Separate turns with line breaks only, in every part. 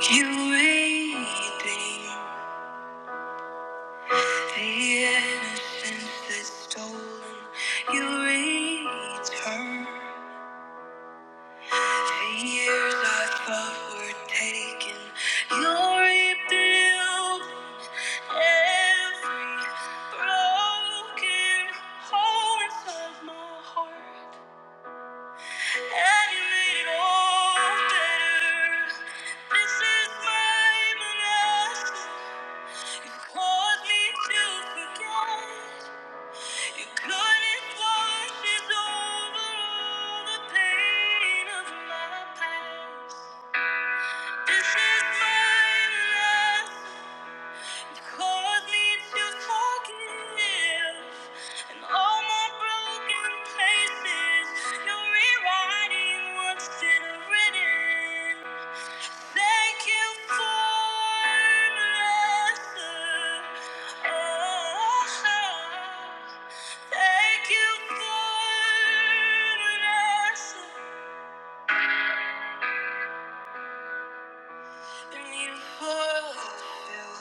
You regain the innocence that's stolen. You return the years I thought were taken. You rebuild every broken heart of my heart, and you made it all better. This is my blessing. Caused me to forget. You couldn't over all the pain of my past. This is my last. You caused me to forgive. And all my broken places, you're rewriting what's been written. Thank you for blessing us. Thank you for blessing. And you fulfill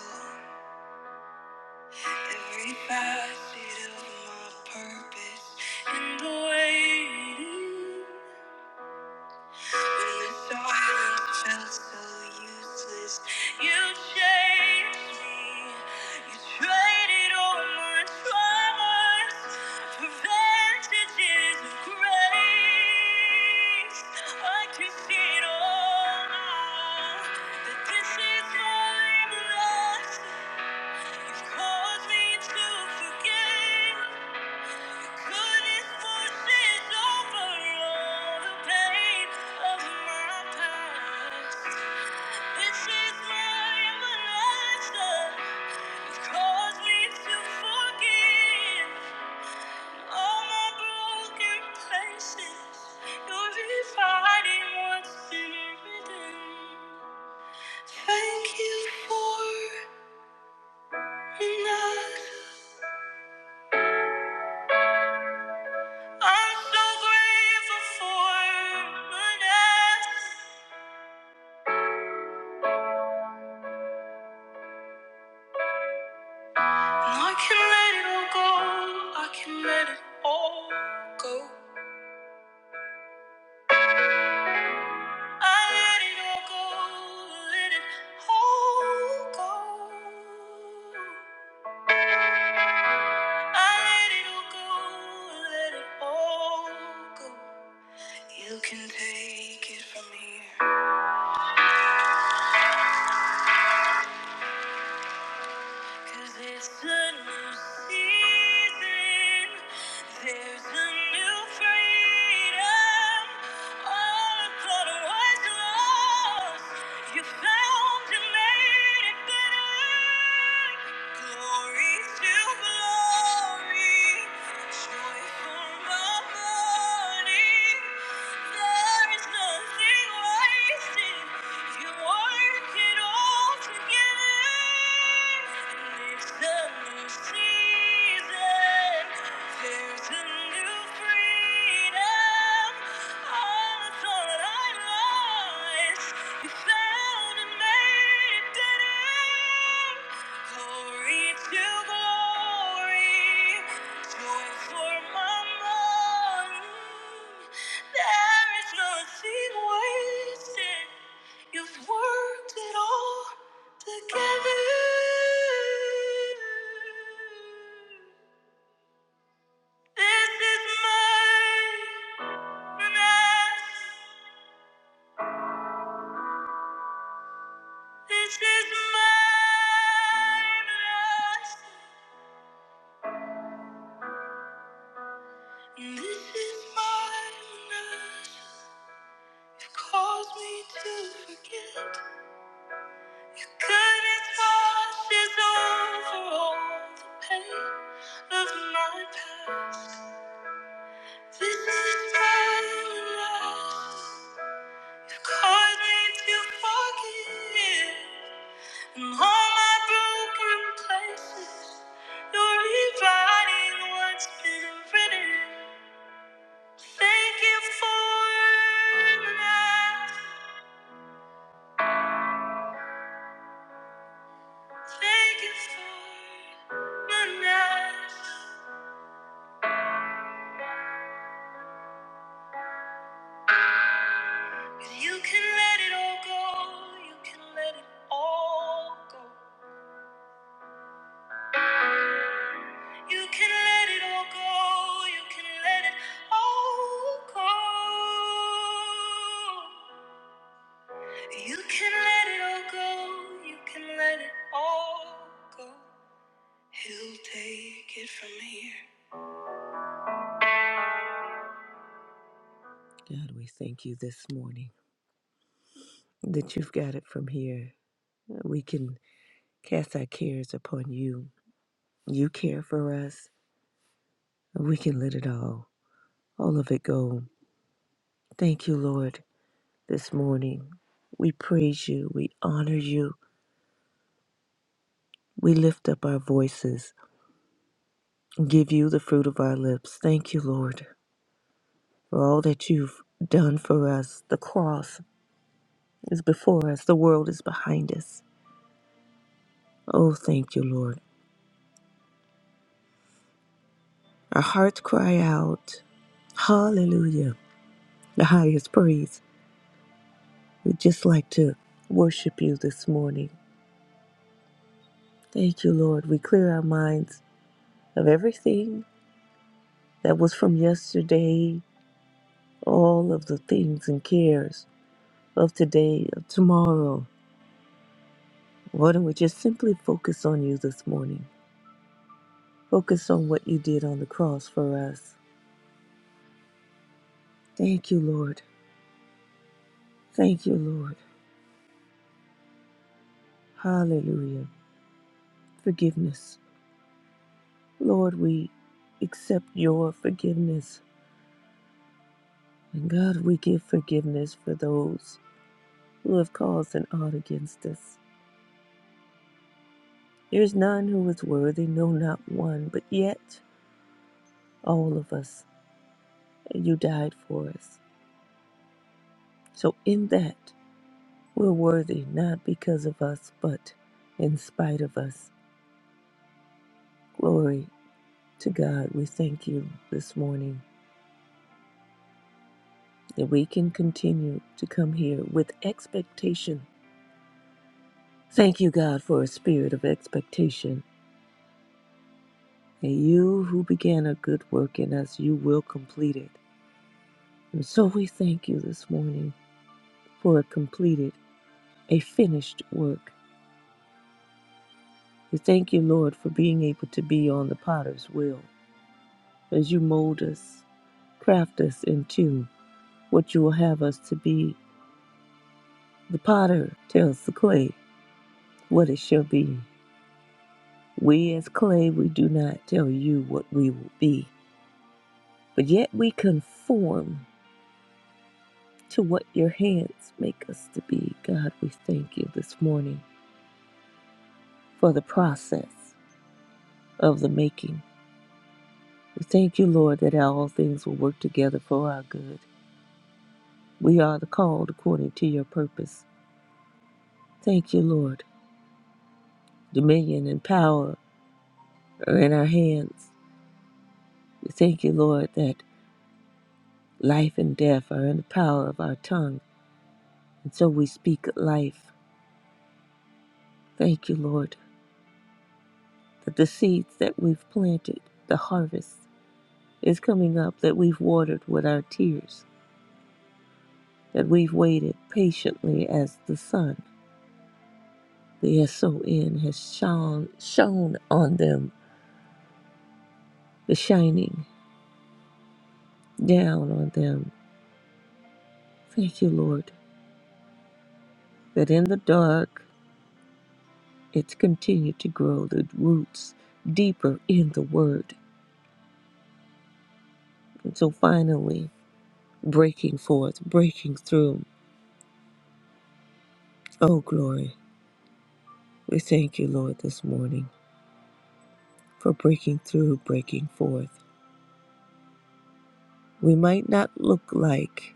every facet of my purpose and waiting. Thank you Good is over all the pain of my past. This is my everlasting. It calls me to forgive all my broken places. You're refining what's been written. Thank you for enough. I'm so grateful for goodness. I can let it all go. I can let it all go. I let it all go. Let it all go. I let it all go. Let it all go. You can take it from here. Cause it's a new season. There's a new freedom. All the clutter was lost. You found and made it better. Glory to glory, joy for the morning. There is nothing wasted. You work it all together. And it's a new season. There's a new freedom. All I thought I lost, you found and made it better. Glory to glory, joy for my morning. There is nothing wasted. You've worked it all together. This is my blessing. This is my blessing. This is my blessing. Cause me to forget. Your goodness washes over all the pain of my past. This is time enough. you caused me to forgive. And all my broken places, you're rewriting what's been written. Thank you for nothing. Thank you for my nights. If you can let it all go, you can let it all go. You can let it all go, you can let it all go. You can let it all go, you can let it all go. He'll take it from here. God, we thank you this morning that you've got it from here. We can cast our cares upon you You care for us. We can let it all, all of it go. Thank you, Lord, this morning. We praise you. We honor you. We lift up our voices and give you the fruit of our lips. Thank you, Lord, for all that you've done for us. The cross is before us, the world is behind us. Oh, thank you, Lord. Our hearts cry out, Hallelujah, the highest praise. We'd just like to worship you this morning. Thank you, Lord. We clear our minds of everything that was from yesterday, all of the things and cares of today, of tomorrow. Why don't we just simply focus on you this morning? Focus on what you did on the cross for us. Thank you, Lord. Thank you, Lord. Hallelujah. Forgiveness. Lord, we accept your forgiveness. And God, we give forgiveness for those who have caused an odd against us. There is none who is worthy, no, not one, but yet all of us, you died for us. So, in that, we're worthy, not because of us, but in spite of us. Glory to God. We thank you this morning that we can continue to come here with expectation. Thank you, God, for a spirit of expectation. And you who began a good work in us, you will complete it. And so we thank you this morning for it completed. a finished work. We thank you, Lord, for being able to be on the potter's wheel as you mold us, craft us into what you will have us to be. The potter tells the clay what it shall be. We, as clay, we do not tell you what we will be, but yet we conform to what your hands make us to be. God, we thank you this morning for the process of the making. We thank you, Lord, that all things will work together for our good We are the called according to your purpose. Thank you, Lord. Dominion and power are in our hands. We thank you, Lord, that life and death are in the power of our tongue. And so we speak life. Thank you, Lord, that the seeds that we've planted, the harvest is coming up, that we've watered with our tears, that we've waited patiently as the sun, the S-O-N, has shone, shone on them, the shining down on them Thank you, Lord, that in the dark it's continued to grow the roots deeper in the Word. and so finally, breaking forth, breaking through. Oh, glory. We thank you, Lord, this morning for breaking through, breaking forth. We might not look like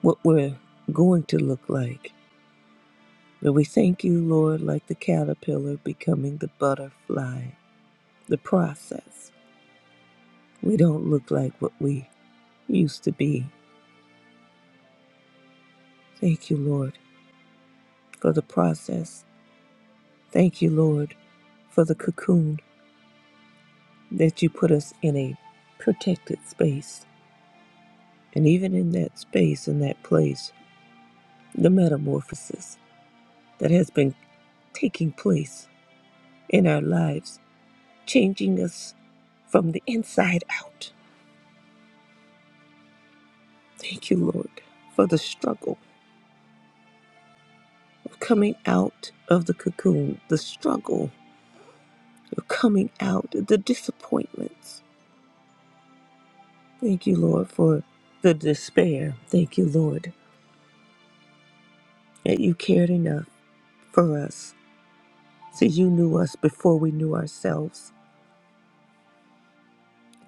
what we're going to look like, but we thank you, Lord, like the caterpillar becoming the butterfly, the process. We don't look like what we used to be Thank you, Lord, for the process. Thank you, Lord, for the cocoon that you put us in a protected space. And even in that space, in that place, the metamorphosis that has been taking place in our lives, changing us from the inside out. Thank you, Lord, for the struggle of coming out of the cocoon, the struggle of coming out, the disappointments, Thank you, Lord, for the despair. Thank you, Lord, that you cared enough for us. See, you knew us before we knew ourselves.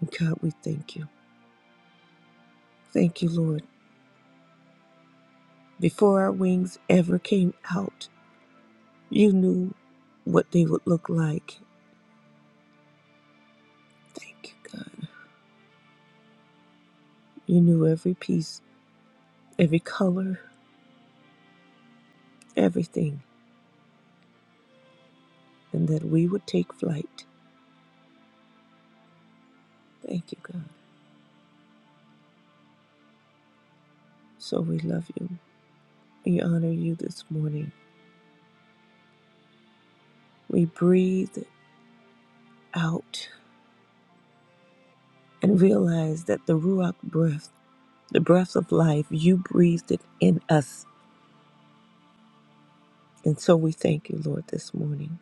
And God, we thank you. Thank you, Lord. Before our wings ever came out, you knew what they would look like. Thank you, God. You knew every piece, every color, everything, and that we would take flight. Thank you, God. So we love you. We honor you this morning. We breathe out and realize that the Ruach breath, the breath of life, you breathed it in us. And so we thank you, Lord, this morning.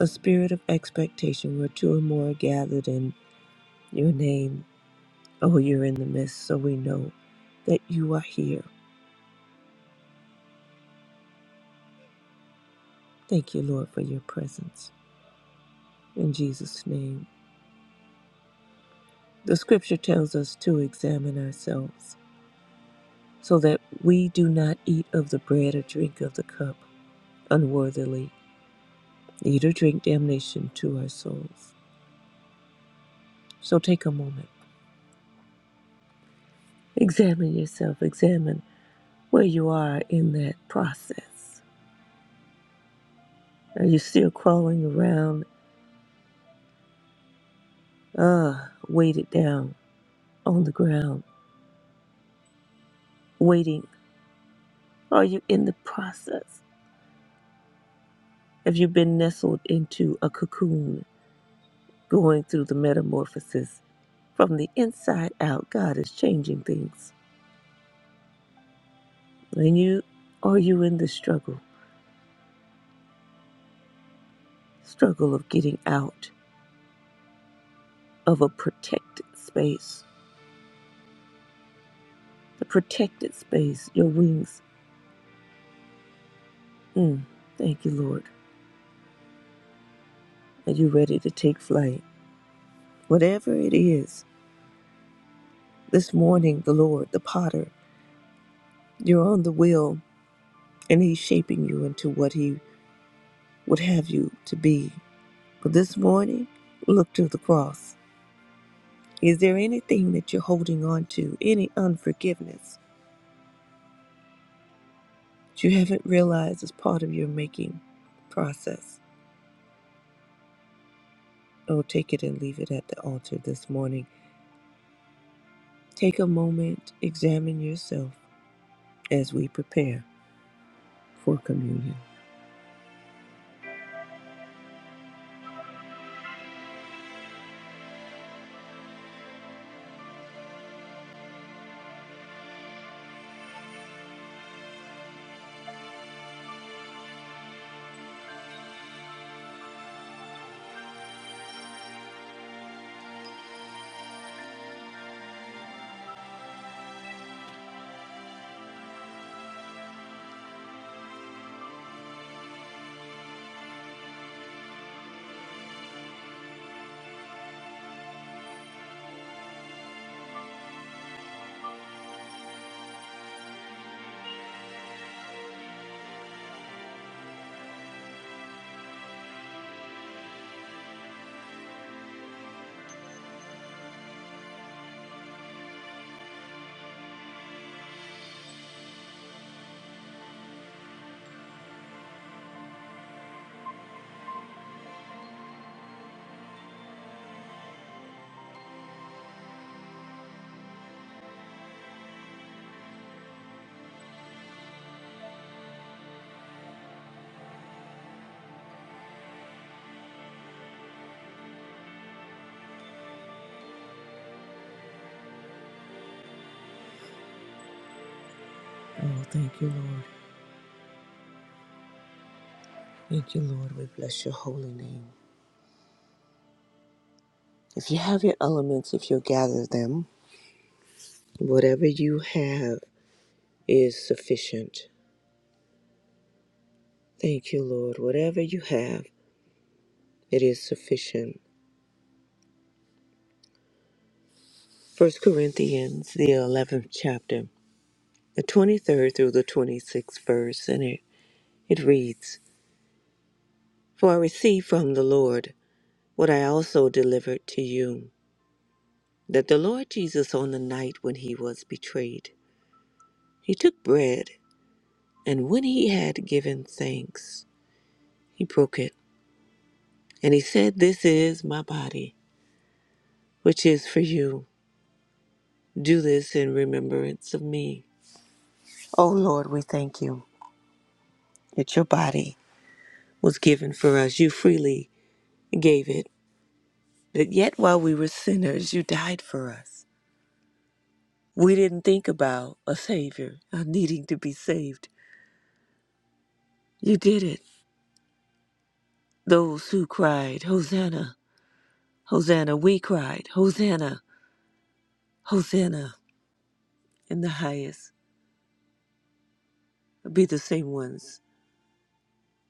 A spirit of expectation where two or more are gathered in your name. Oh, you're in the midst, so we know that you are here. Thank you, Lord, for your presence. In Jesus' name. The scripture tells us to examine ourselves so that we do not eat of the bread or drink of the cup unworthily, eat or drink damnation to our souls. So take a moment, examine yourself, examine where you are in that process. Are you still crawling around, uh, weighted down on the ground, waiting? Are you in the process? Have you been nestled into a cocoon, going through the metamorphosis from the inside out? God is changing things, and you are you in the struggle, struggle of getting out of a protected space the protected space, your wings. Mm, thank you, Lord. Are you ready to take flight? Whatever it is, this morning, the Lord, the potter, you're on the wheel and he's shaping you into what he would have you to be. But this morning, look to the cross. Is there anything that you're holding on to, any unforgiveness that you haven't realized is part of your making process? Oh, take it and leave it at the altar this morning. Take a moment, examine yourself. as we prepare for communion. Oh, thank you, Lord. Thank you, Lord. We bless your holy name. If you have your elements, if you gather them, whatever you have is sufficient. Thank you, Lord. Whatever you have, it is sufficient. First Corinthians, the 11th chapter, the 23rd through the 26th verse, and it, it reads For I received from the Lord what I also delivered to you, that the Lord Jesus, on the night when he was betrayed, He took bread, and when he had given thanks, he broke it, and he said, This is my body, which is for you. Do this in remembrance of me. O Lord, we thank you that your body was given for us. You freely gave it. But yet, while we were sinners, you died for us. We didn't think about a Savior or needing to be saved. You did it. Those who cried, Hosanna, Hosanna, we cried, Hosanna, Hosanna. and the highest be the same ones.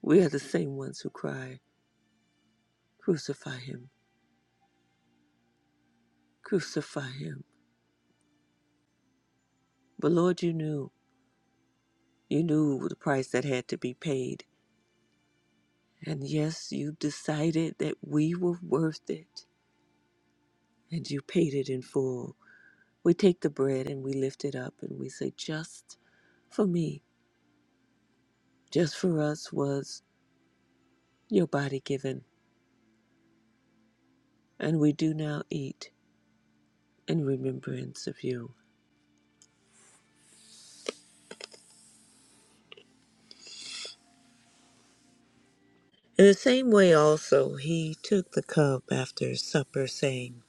We are the same ones who cry, Crucify him, crucify him. But Lord, you knew, you knew the price that had to be paid. And yes, you decided that we were worth it, and you paid it in full. We take the bread and we lift it up and we say, Just for me, just for us was your body given, and we do now eat in remembrance of you. In the same way also he took the cup after supper, saying,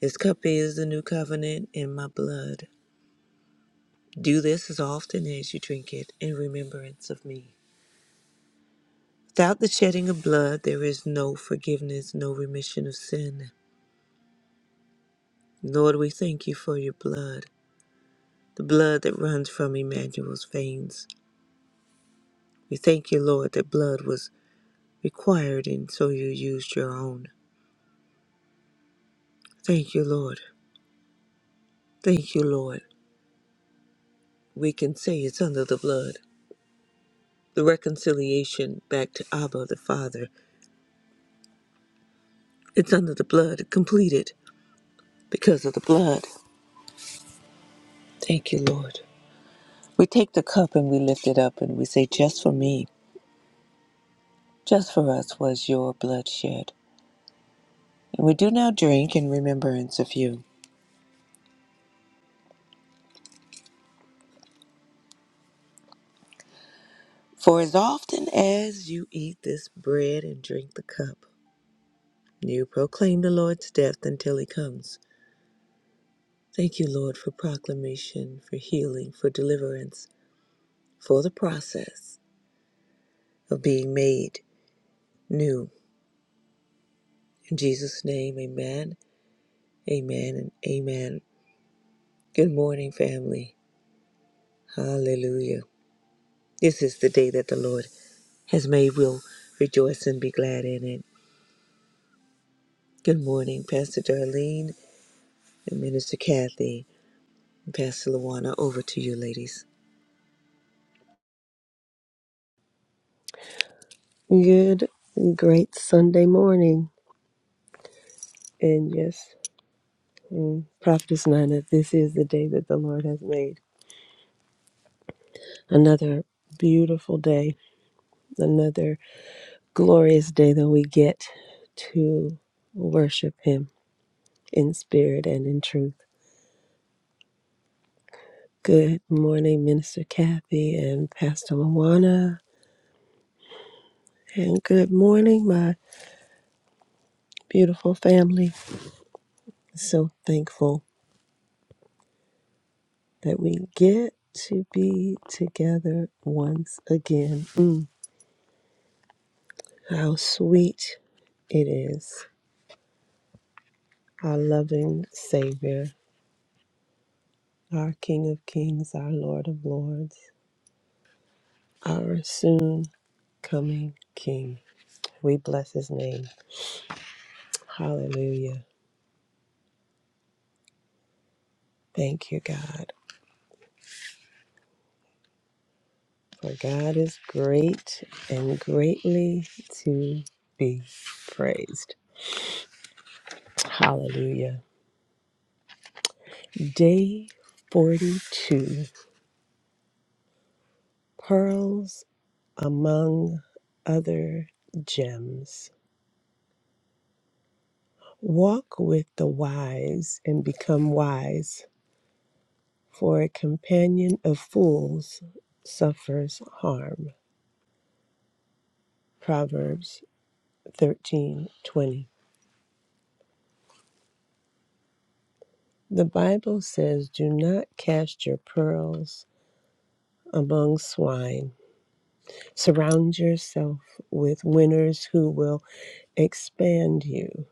This cup is the new covenant in my blood. Do this as often as you drink it in remembrance of me. Without the shedding of blood, there is no forgiveness, no remission of sin. Lord, we thank you for your blood, the blood that runs from Emmanuel's veins. We thank you, Lord, that blood was required and so you used your own. Thank you, Lord. Thank you, Lord. We can say it's under the blood. the reconciliation back to Abba the Father. It's under the blood, completed because of the blood. Thank you, Lord. We take the cup and we lift it up and we say, Just for me, just for us was your blood shed. And we do now drink in remembrance of you. For as often as you eat this bread and drink the cup, you proclaim the Lord's death until he comes. Thank you, Lord, for proclamation, for healing, for deliverance, for the process of being made new In Jesus' name, amen, amen, and amen. Good morning, family. Hallelujah. This is the day that the Lord has made. We'll rejoice and be glad in it. Good morning, Pastor Darlene and Minister Kathy and Pastor Luana. Over to you, ladies.
Good, great Sunday morning. And yes, mm, Prophetess Nina, this is the day that the Lord has made. Another beautiful day, another glorious day that we get to worship Him in spirit and in truth. Good morning, Minister Kathy and Pastor Moana. And good morning, my beautiful family. So thankful that we get to be together once again. Mm. How sweet it is, our loving Savior, our King of Kings, our Lord of Lords, our soon coming King. We bless his name. Hallelujah. Thank you, God. For God is great and greatly to be praised. Hallelujah. Day 42 Pearls among other gems. Walk with the wise and become wise, for a companion of fools suffers harm. Proverbs 13:20. The Bible says, "Do not cast your pearls among swine. Surround yourself with winners who will expand you."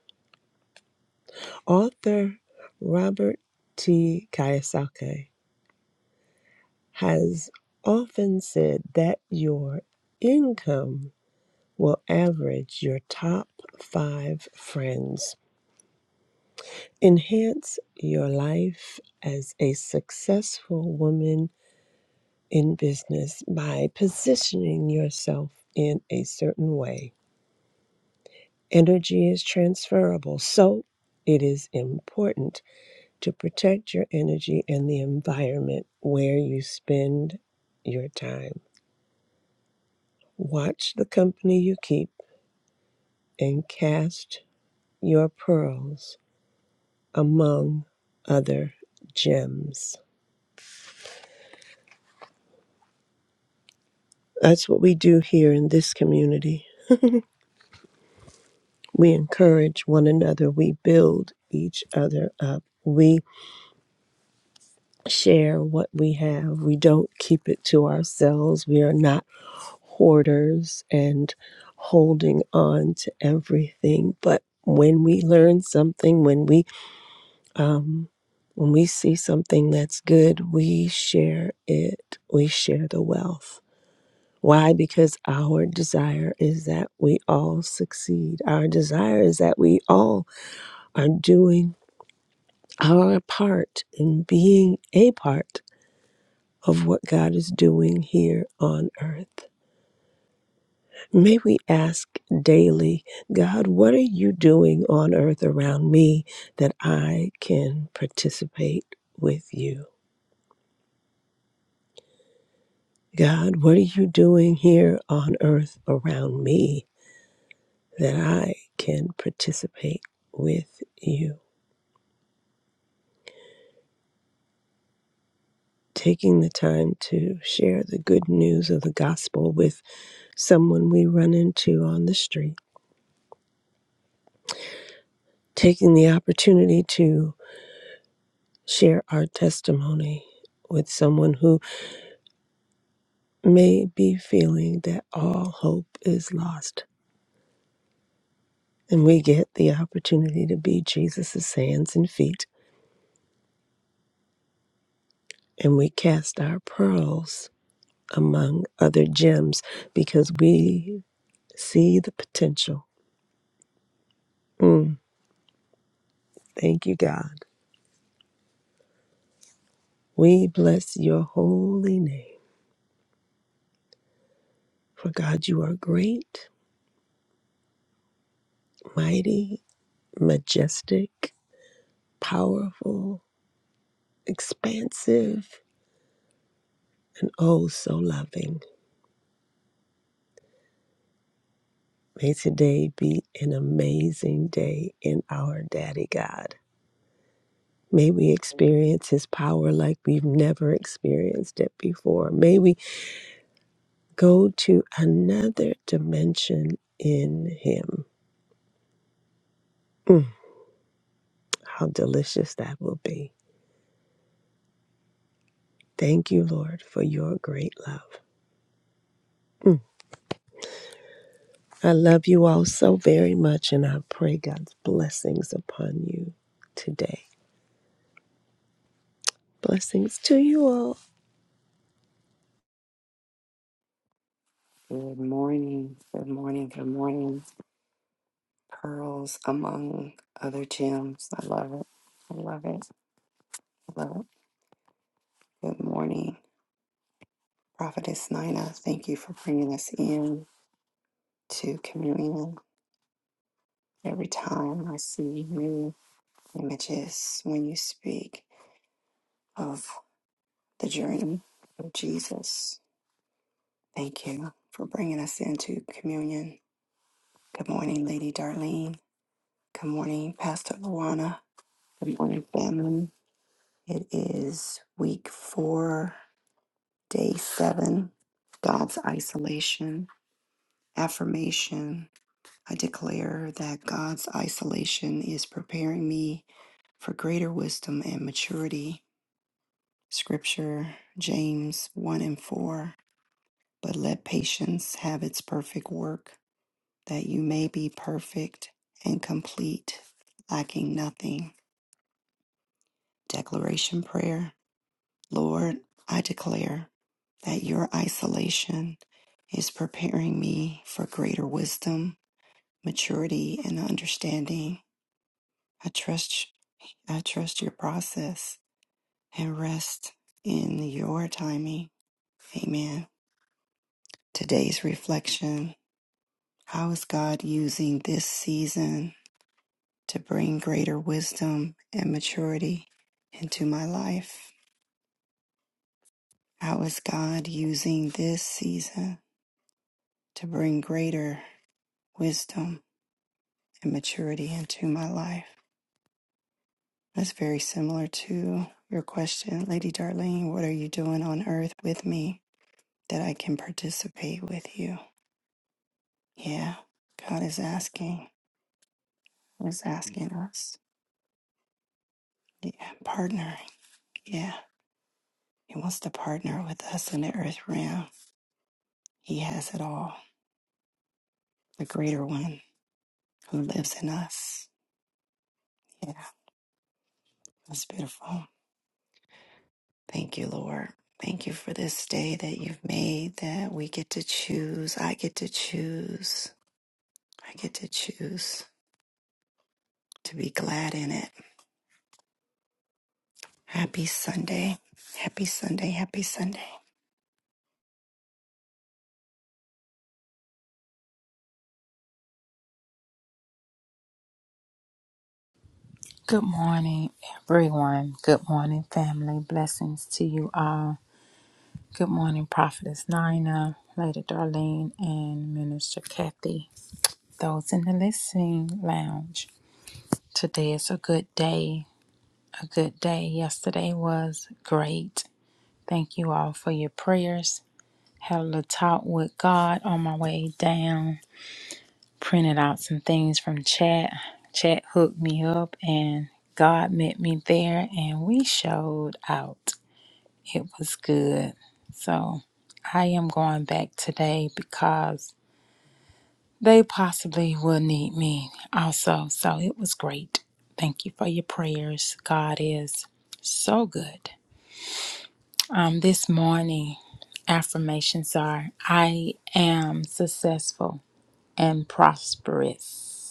Author Robert T. Kiyosaki has often said that your income will average your top five friends. Enhance your life as a successful woman in business by positioning yourself in a certain way. Energy is transferable, so it is important to protect your energy and the environment where you spend your time. Watch the company you keep and cast your pearls among other gems. That's what we do here in this community. We encourage one another, we build each other up. We share what we have. We don't keep it to ourselves. We are not hoarders and holding on to everything. But when we learn something, when we um, when we see something that's good, we share it. We share the wealth Why? Because our desire is that we all succeed. Our desire is that we all are doing our part in being a part of what God is doing here on earth. May we ask daily, God, what are you doing on earth around me that I can participate with you? God, what are you doing here on earth around me that I can participate with you? taking the time to share the good news of the gospel with someone we run into on the street, taking the opportunity to share our testimony with someone who may be feeling that all hope is lost. And we get the opportunity to be Jesus' hands and feet, and we cast our pearls among other gems because we see the potential. Mm, thank you, God. We bless your holy name. For God, you are great, mighty, majestic, powerful, expansive, and oh, so loving. May today be an amazing day in our Daddy God. May we experience His power like we've never experienced it before. May we go to another dimension in Him. Mm, how delicious that will be. Thank you, Lord, for your great love. I love you all so very much, and I pray God's blessings upon you today. Blessings to you all.
Good morning. Good morning. Good morning. Pearls among other gems. I love it. I love it. I love it. Good morning. Prophetess Nina, thank you for bringing us in to communion. Every time I see new images when you speak of the journey of Jesus, thank you for bringing us into communion. Good morning, Lady Darlene. Good morning, Pastor Luana. Good morning, family. It is week four, day seven, God's isolation. Affirmation I declare that God's isolation is preparing me for greater wisdom and maturity. Scripture, James 1 and 4. But let patience have its perfect work, that you may be perfect and complete, lacking nothing. Declaration Prayer. Lord, I declare that your isolation is preparing me for greater wisdom, maturity, and understanding. I trust I trust your process and rest in your timing. Amen. Today's reflection. How is God using this season to bring greater wisdom and maturity into my life? How is God using this season to bring greater wisdom and maturity into my life. That's very similar to your question, Lady Darlene. What are you doing on earth with me that I can participate with you? Yeah, God is asking, is asking us, yeah, partnering. Yeah, He wants to partner with us in the earth realm. He has it all, the greater one who lives in us. Yeah, that's beautiful. Thank you, Lord. Thank you for this day that you've made that we get to choose. I get to choose. I get to choose to be glad in it. Happy Sunday. Happy Sunday. Happy Sunday.
Good morning, everyone. Good morning, family. Blessings to you all. Good morning, Prophetess Nina, Lady Darlene, and Minister Kathy. Those in the listening lounge. Today is a good day. A good day. Yesterday was great. Thank you all for your prayers. Had a little talk with God on my way down printed out some things from chat. Chat hooked me up and God met me there and we showed out. It was good. So I am going back today because they possibly will need me also. So it was great. Thank you for your prayers. God is so good. Um, this morning, affirmations are I am successful and prosperous.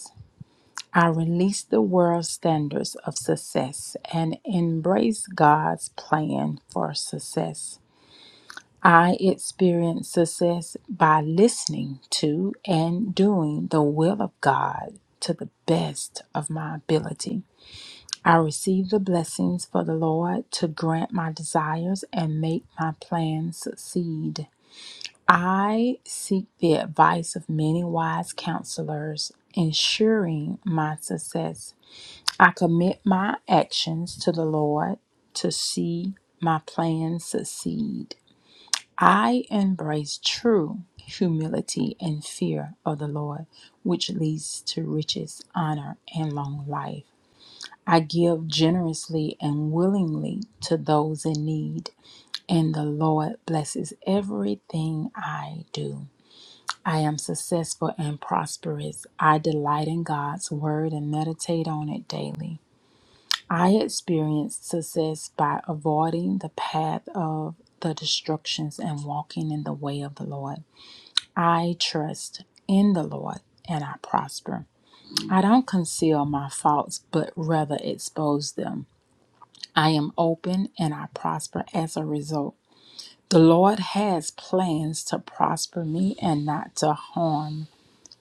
I release the world's standards of success and embrace God's plan for success. I experience success by listening to and doing the will of God to the best of my ability. I receive the blessings for the Lord to grant my desires and make my plans succeed. I seek the advice of many wise counselors, ensuring my success. I commit my actions to the Lord to see my plans succeed. I embrace true humility and fear of the Lord, which leads to riches, honor, and long life. I give generously and willingly to those in need, and the Lord blesses everything I do. I am successful and prosperous. I delight in God's word and meditate on it daily. I experienced success by avoiding the path of the destructions and walking in the way of the Lord. I trust in the Lord and I prosper. I don't conceal my faults, but rather expose them. I am open and I prosper as a result. The Lord has plans to prosper me and not to harm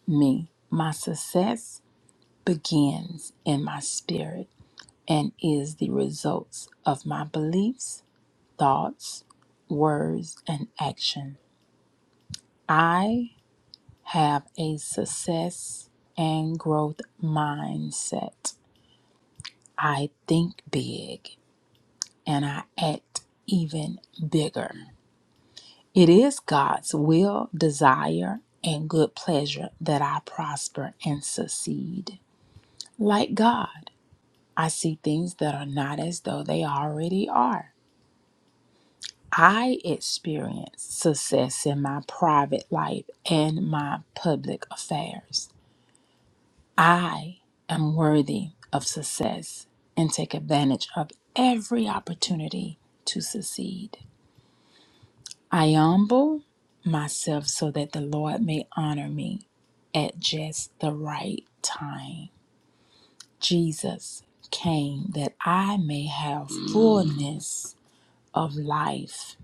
me. My success begins in my spirit and is the results of my beliefs thoughts, words, and action. I have a success and growth mindset. I think big and I act even bigger. It is God's will, desire, and good pleasure that I prosper and succeed. Like God, I see things that are not as though they already are. I experience success in my private life and my public affairs. I am worthy of success and take advantage of every opportunity to succeed. I humble myself so that the Lord may honor me at just the right time. Jesus came that I may have fullness of life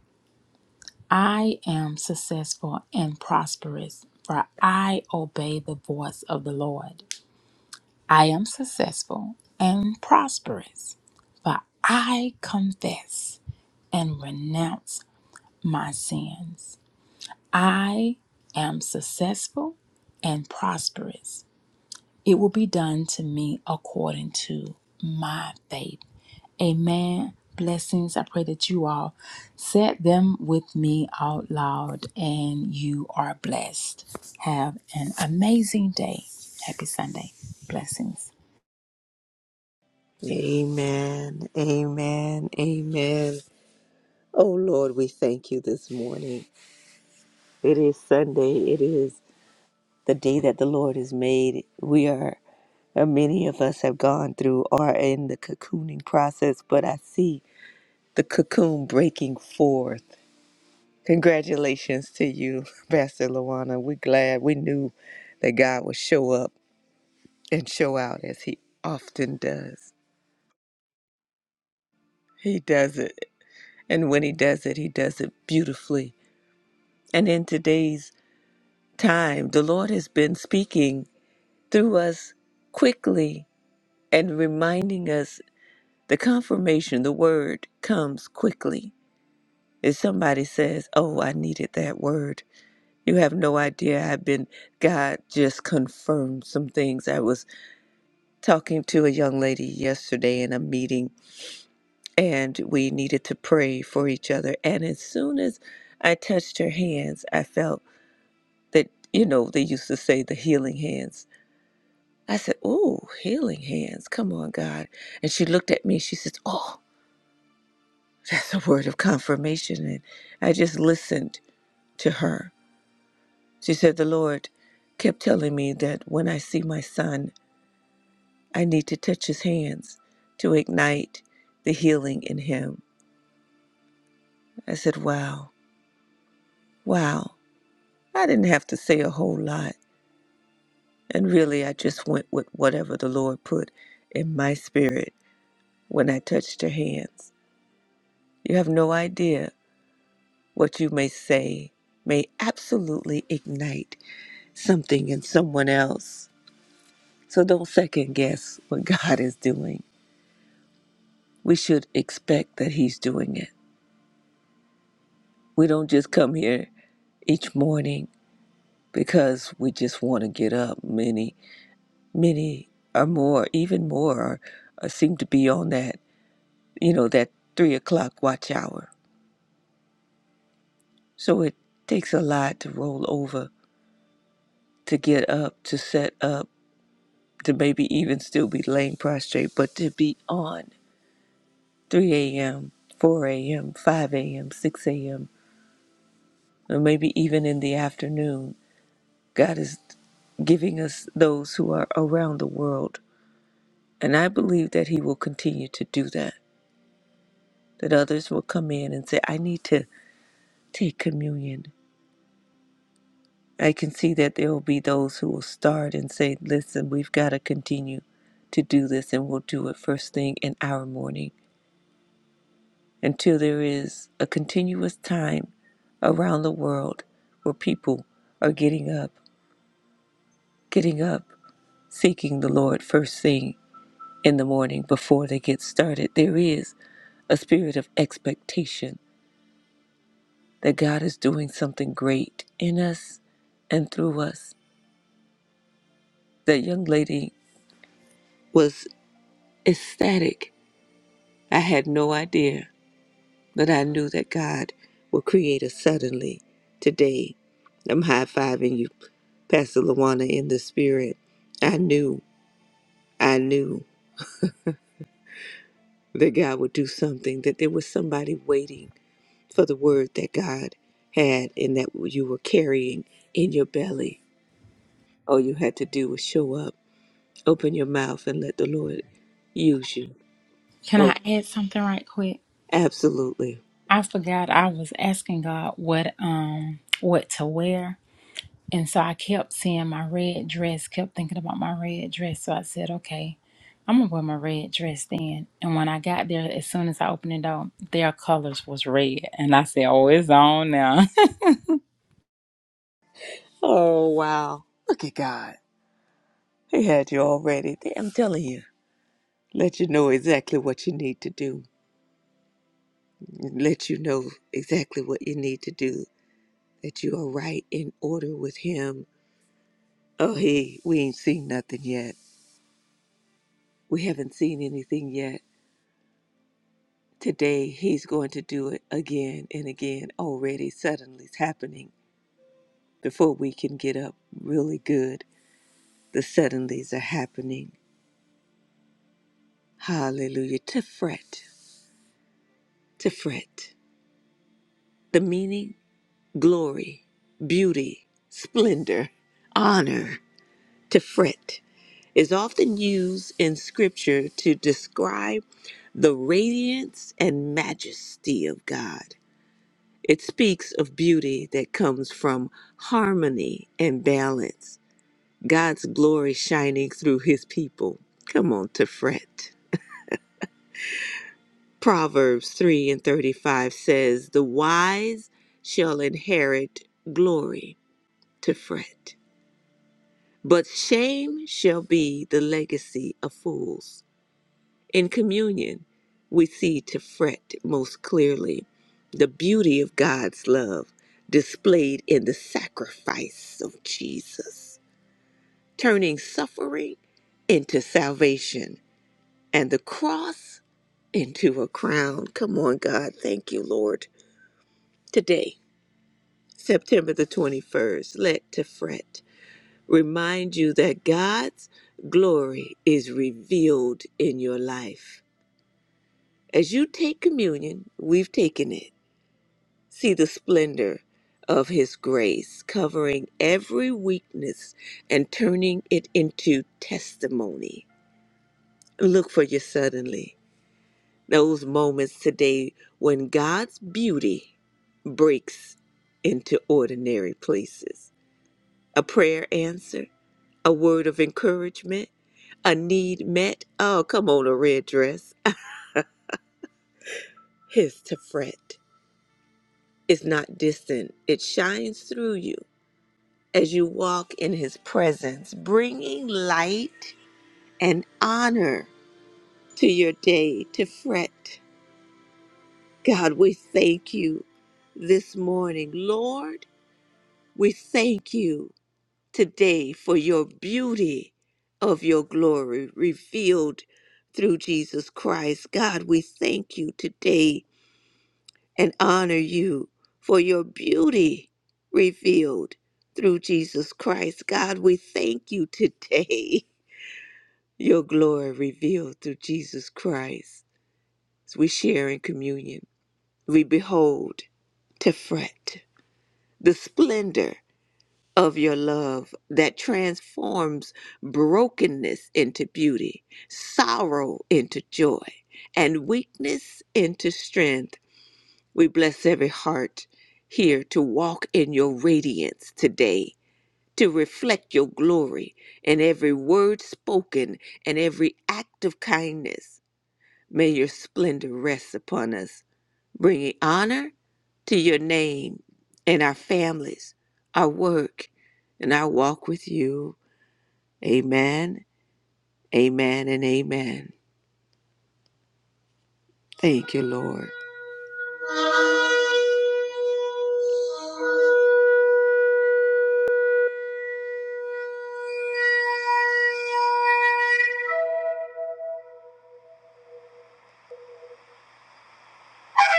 I am successful and prosperous, for I obey the voice of the Lord. I am successful and prosperous, for I confess and renounce my sins. I am successful and prosperous. It will be done to me according to my faith. Amen. Blessings. I pray that you all said them with me out loud and you are blessed. Have an amazing day. Happy Sunday. Blessings.
Amen, amen, amen. Oh Lord, we thank you this morning. It is Sunday. It is the day that the Lord has made. We are And many of us have gone through or are in the cocooning process, but I see the cocoon breaking forth. Congratulations to you, Pastor Luana. We're glad we knew that God would show up and show out as He often does. He does it. And when He does it, He does it beautifully. And in today's time, the Lord has been speaking through us quickly and reminding us the confirmation, the word comes quickly. If somebody says, Oh, I needed that word, you have no idea. I've been, God just confirmed some things. I was talking to a young lady yesterday in a meeting, and we needed to pray for each other. And as soon as I touched her hands, I felt that, you know, they used to say the healing hands. I said, Oh, healing hands. Come on, God. And she looked at me. She says, Oh, that's a word of confirmation. And I just listened to her. She said, The Lord kept telling me that when I see my son, I need to touch his hands to ignite the healing in him. I said, Wow, wow. I didn't have to say a whole lot. And really, I just went with whatever the Lord put in my spirit when I touched her hands. You have no idea what you may say may absolutely ignite something in someone else. So don't second guess what God is doing. we should expect that He's doing it. We don't just come here each morning because we just want to get up. Many, many or more, even more, are, are seem to be on that, you know, that three o'clock watch hour. So it takes a lot to roll over, to get up, to set up, to maybe even still be laying prostrate, but to be on 3 a.m., 4 a.m., 5 a.m., 6 a.m., or maybe even in the afternoon God is giving us those who are around the world. And I believe that He will continue to do that, that others will come in and say, I need to take communion. I can see that there will be those who will start and say, Listen, we've got to continue to do this, and we'll do it first thing in our morning until there is a continuous time around the world where people are getting up, getting up, seeking the Lord first thing in the morning before they get started, there is a spirit of expectation that God is doing something great in us and through us. That young lady was ecstatic. I had no idea, but I knew that God will create us suddenly today. I'm high fiving you, Pastor Luana, in the spirit. I knew, I knew that God would do something, that there was somebody waiting for the word that God had and that you were carrying in your belly. All you had to do was show up, open your mouth, and let the Lord use you.
Can
Oh,
I add something right quick?
absolutely.
I forgot I was asking God what um what to wear And so I kept seeing my red dress, kept thinking about my red dress. So I said, okay, I'm gonna wear my red dress then. And when I got there, as soon as I opened it up, their colors was red. And I said, oh, it's on now.
Oh, wow. Look at God. He had you already. I'm telling you. Let you know exactly what you need to do. Let you know exactly what you need to do. That you are right in order with Him. Oh, He, we ain't seen nothing yet. We haven't seen anything yet Today, He's going to do it again and again. Already, suddenly's happening. Before we can get up really good, the suddenlies are happening. Hallelujah. To fret, to fret. The meaning, glory, beauty, splendor, honor. To fret is often used in Scripture to describe the radiance and majesty of God. It speaks of beauty that comes from harmony and balance, God's glory shining through his people. Come on to fret. Proverbs 3 and 35 says, The wise shall inherit glory to fret, but shame shall be the legacy of fools. In communion, we see to fret most clearly the beauty of God's love displayed in the sacrifice of Jesus, turning suffering into salvation and the cross into a crown. Come on, God. Thank you, Lord. Today, September the 21st, let to fret remind you that God's glory is revealed in your life. As you take communion, we've taken it see the splendor of his grace, covering every weakness and turning it into testimony. Look for your suddenly, those moments today when God's beauty breaks into ordinary places. A prayer answer, a word of encouragement, a need met. Oh, come on, a red dress. His to fret is not distant, it shines through you as you walk in his presence, bringing light and honor to your day to fret. God, we thank you this morning. Lord, we thank you today for your beauty of your glory revealed through Jesus Christ. God, we thank you today and honor you for your beauty revealed through Jesus Christ. God, we thank you today Your glory revealed through Jesus Christ as we share in communion. We behold Tefret, the splendor of your love that transforms brokenness into beauty, sorrow into joy, and weakness into strength. We bless every heart here to walk in your radiance today, to reflect your glory in every word spoken and every act of kindness. May your splendor rest upon us, bringing honor to your name and our families, our work, and our walk with you. Amen, amen, and amen. Thank you, Lord. Thank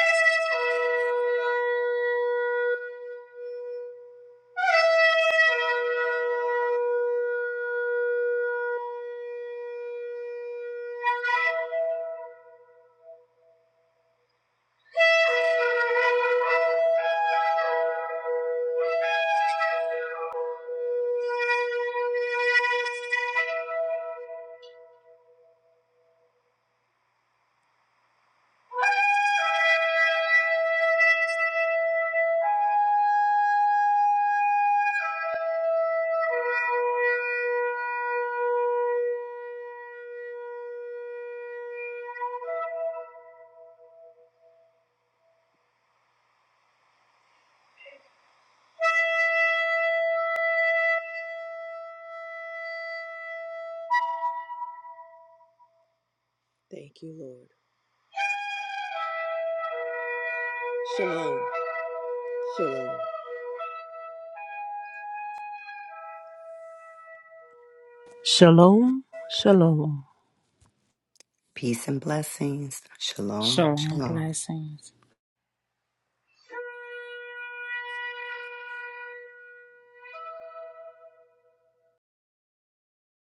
you. Thank you, Lord. Shalom. Shalom.
Shalom, shalom.
Peace and blessings. Shalom.
Shalom
Shalom.
blessings.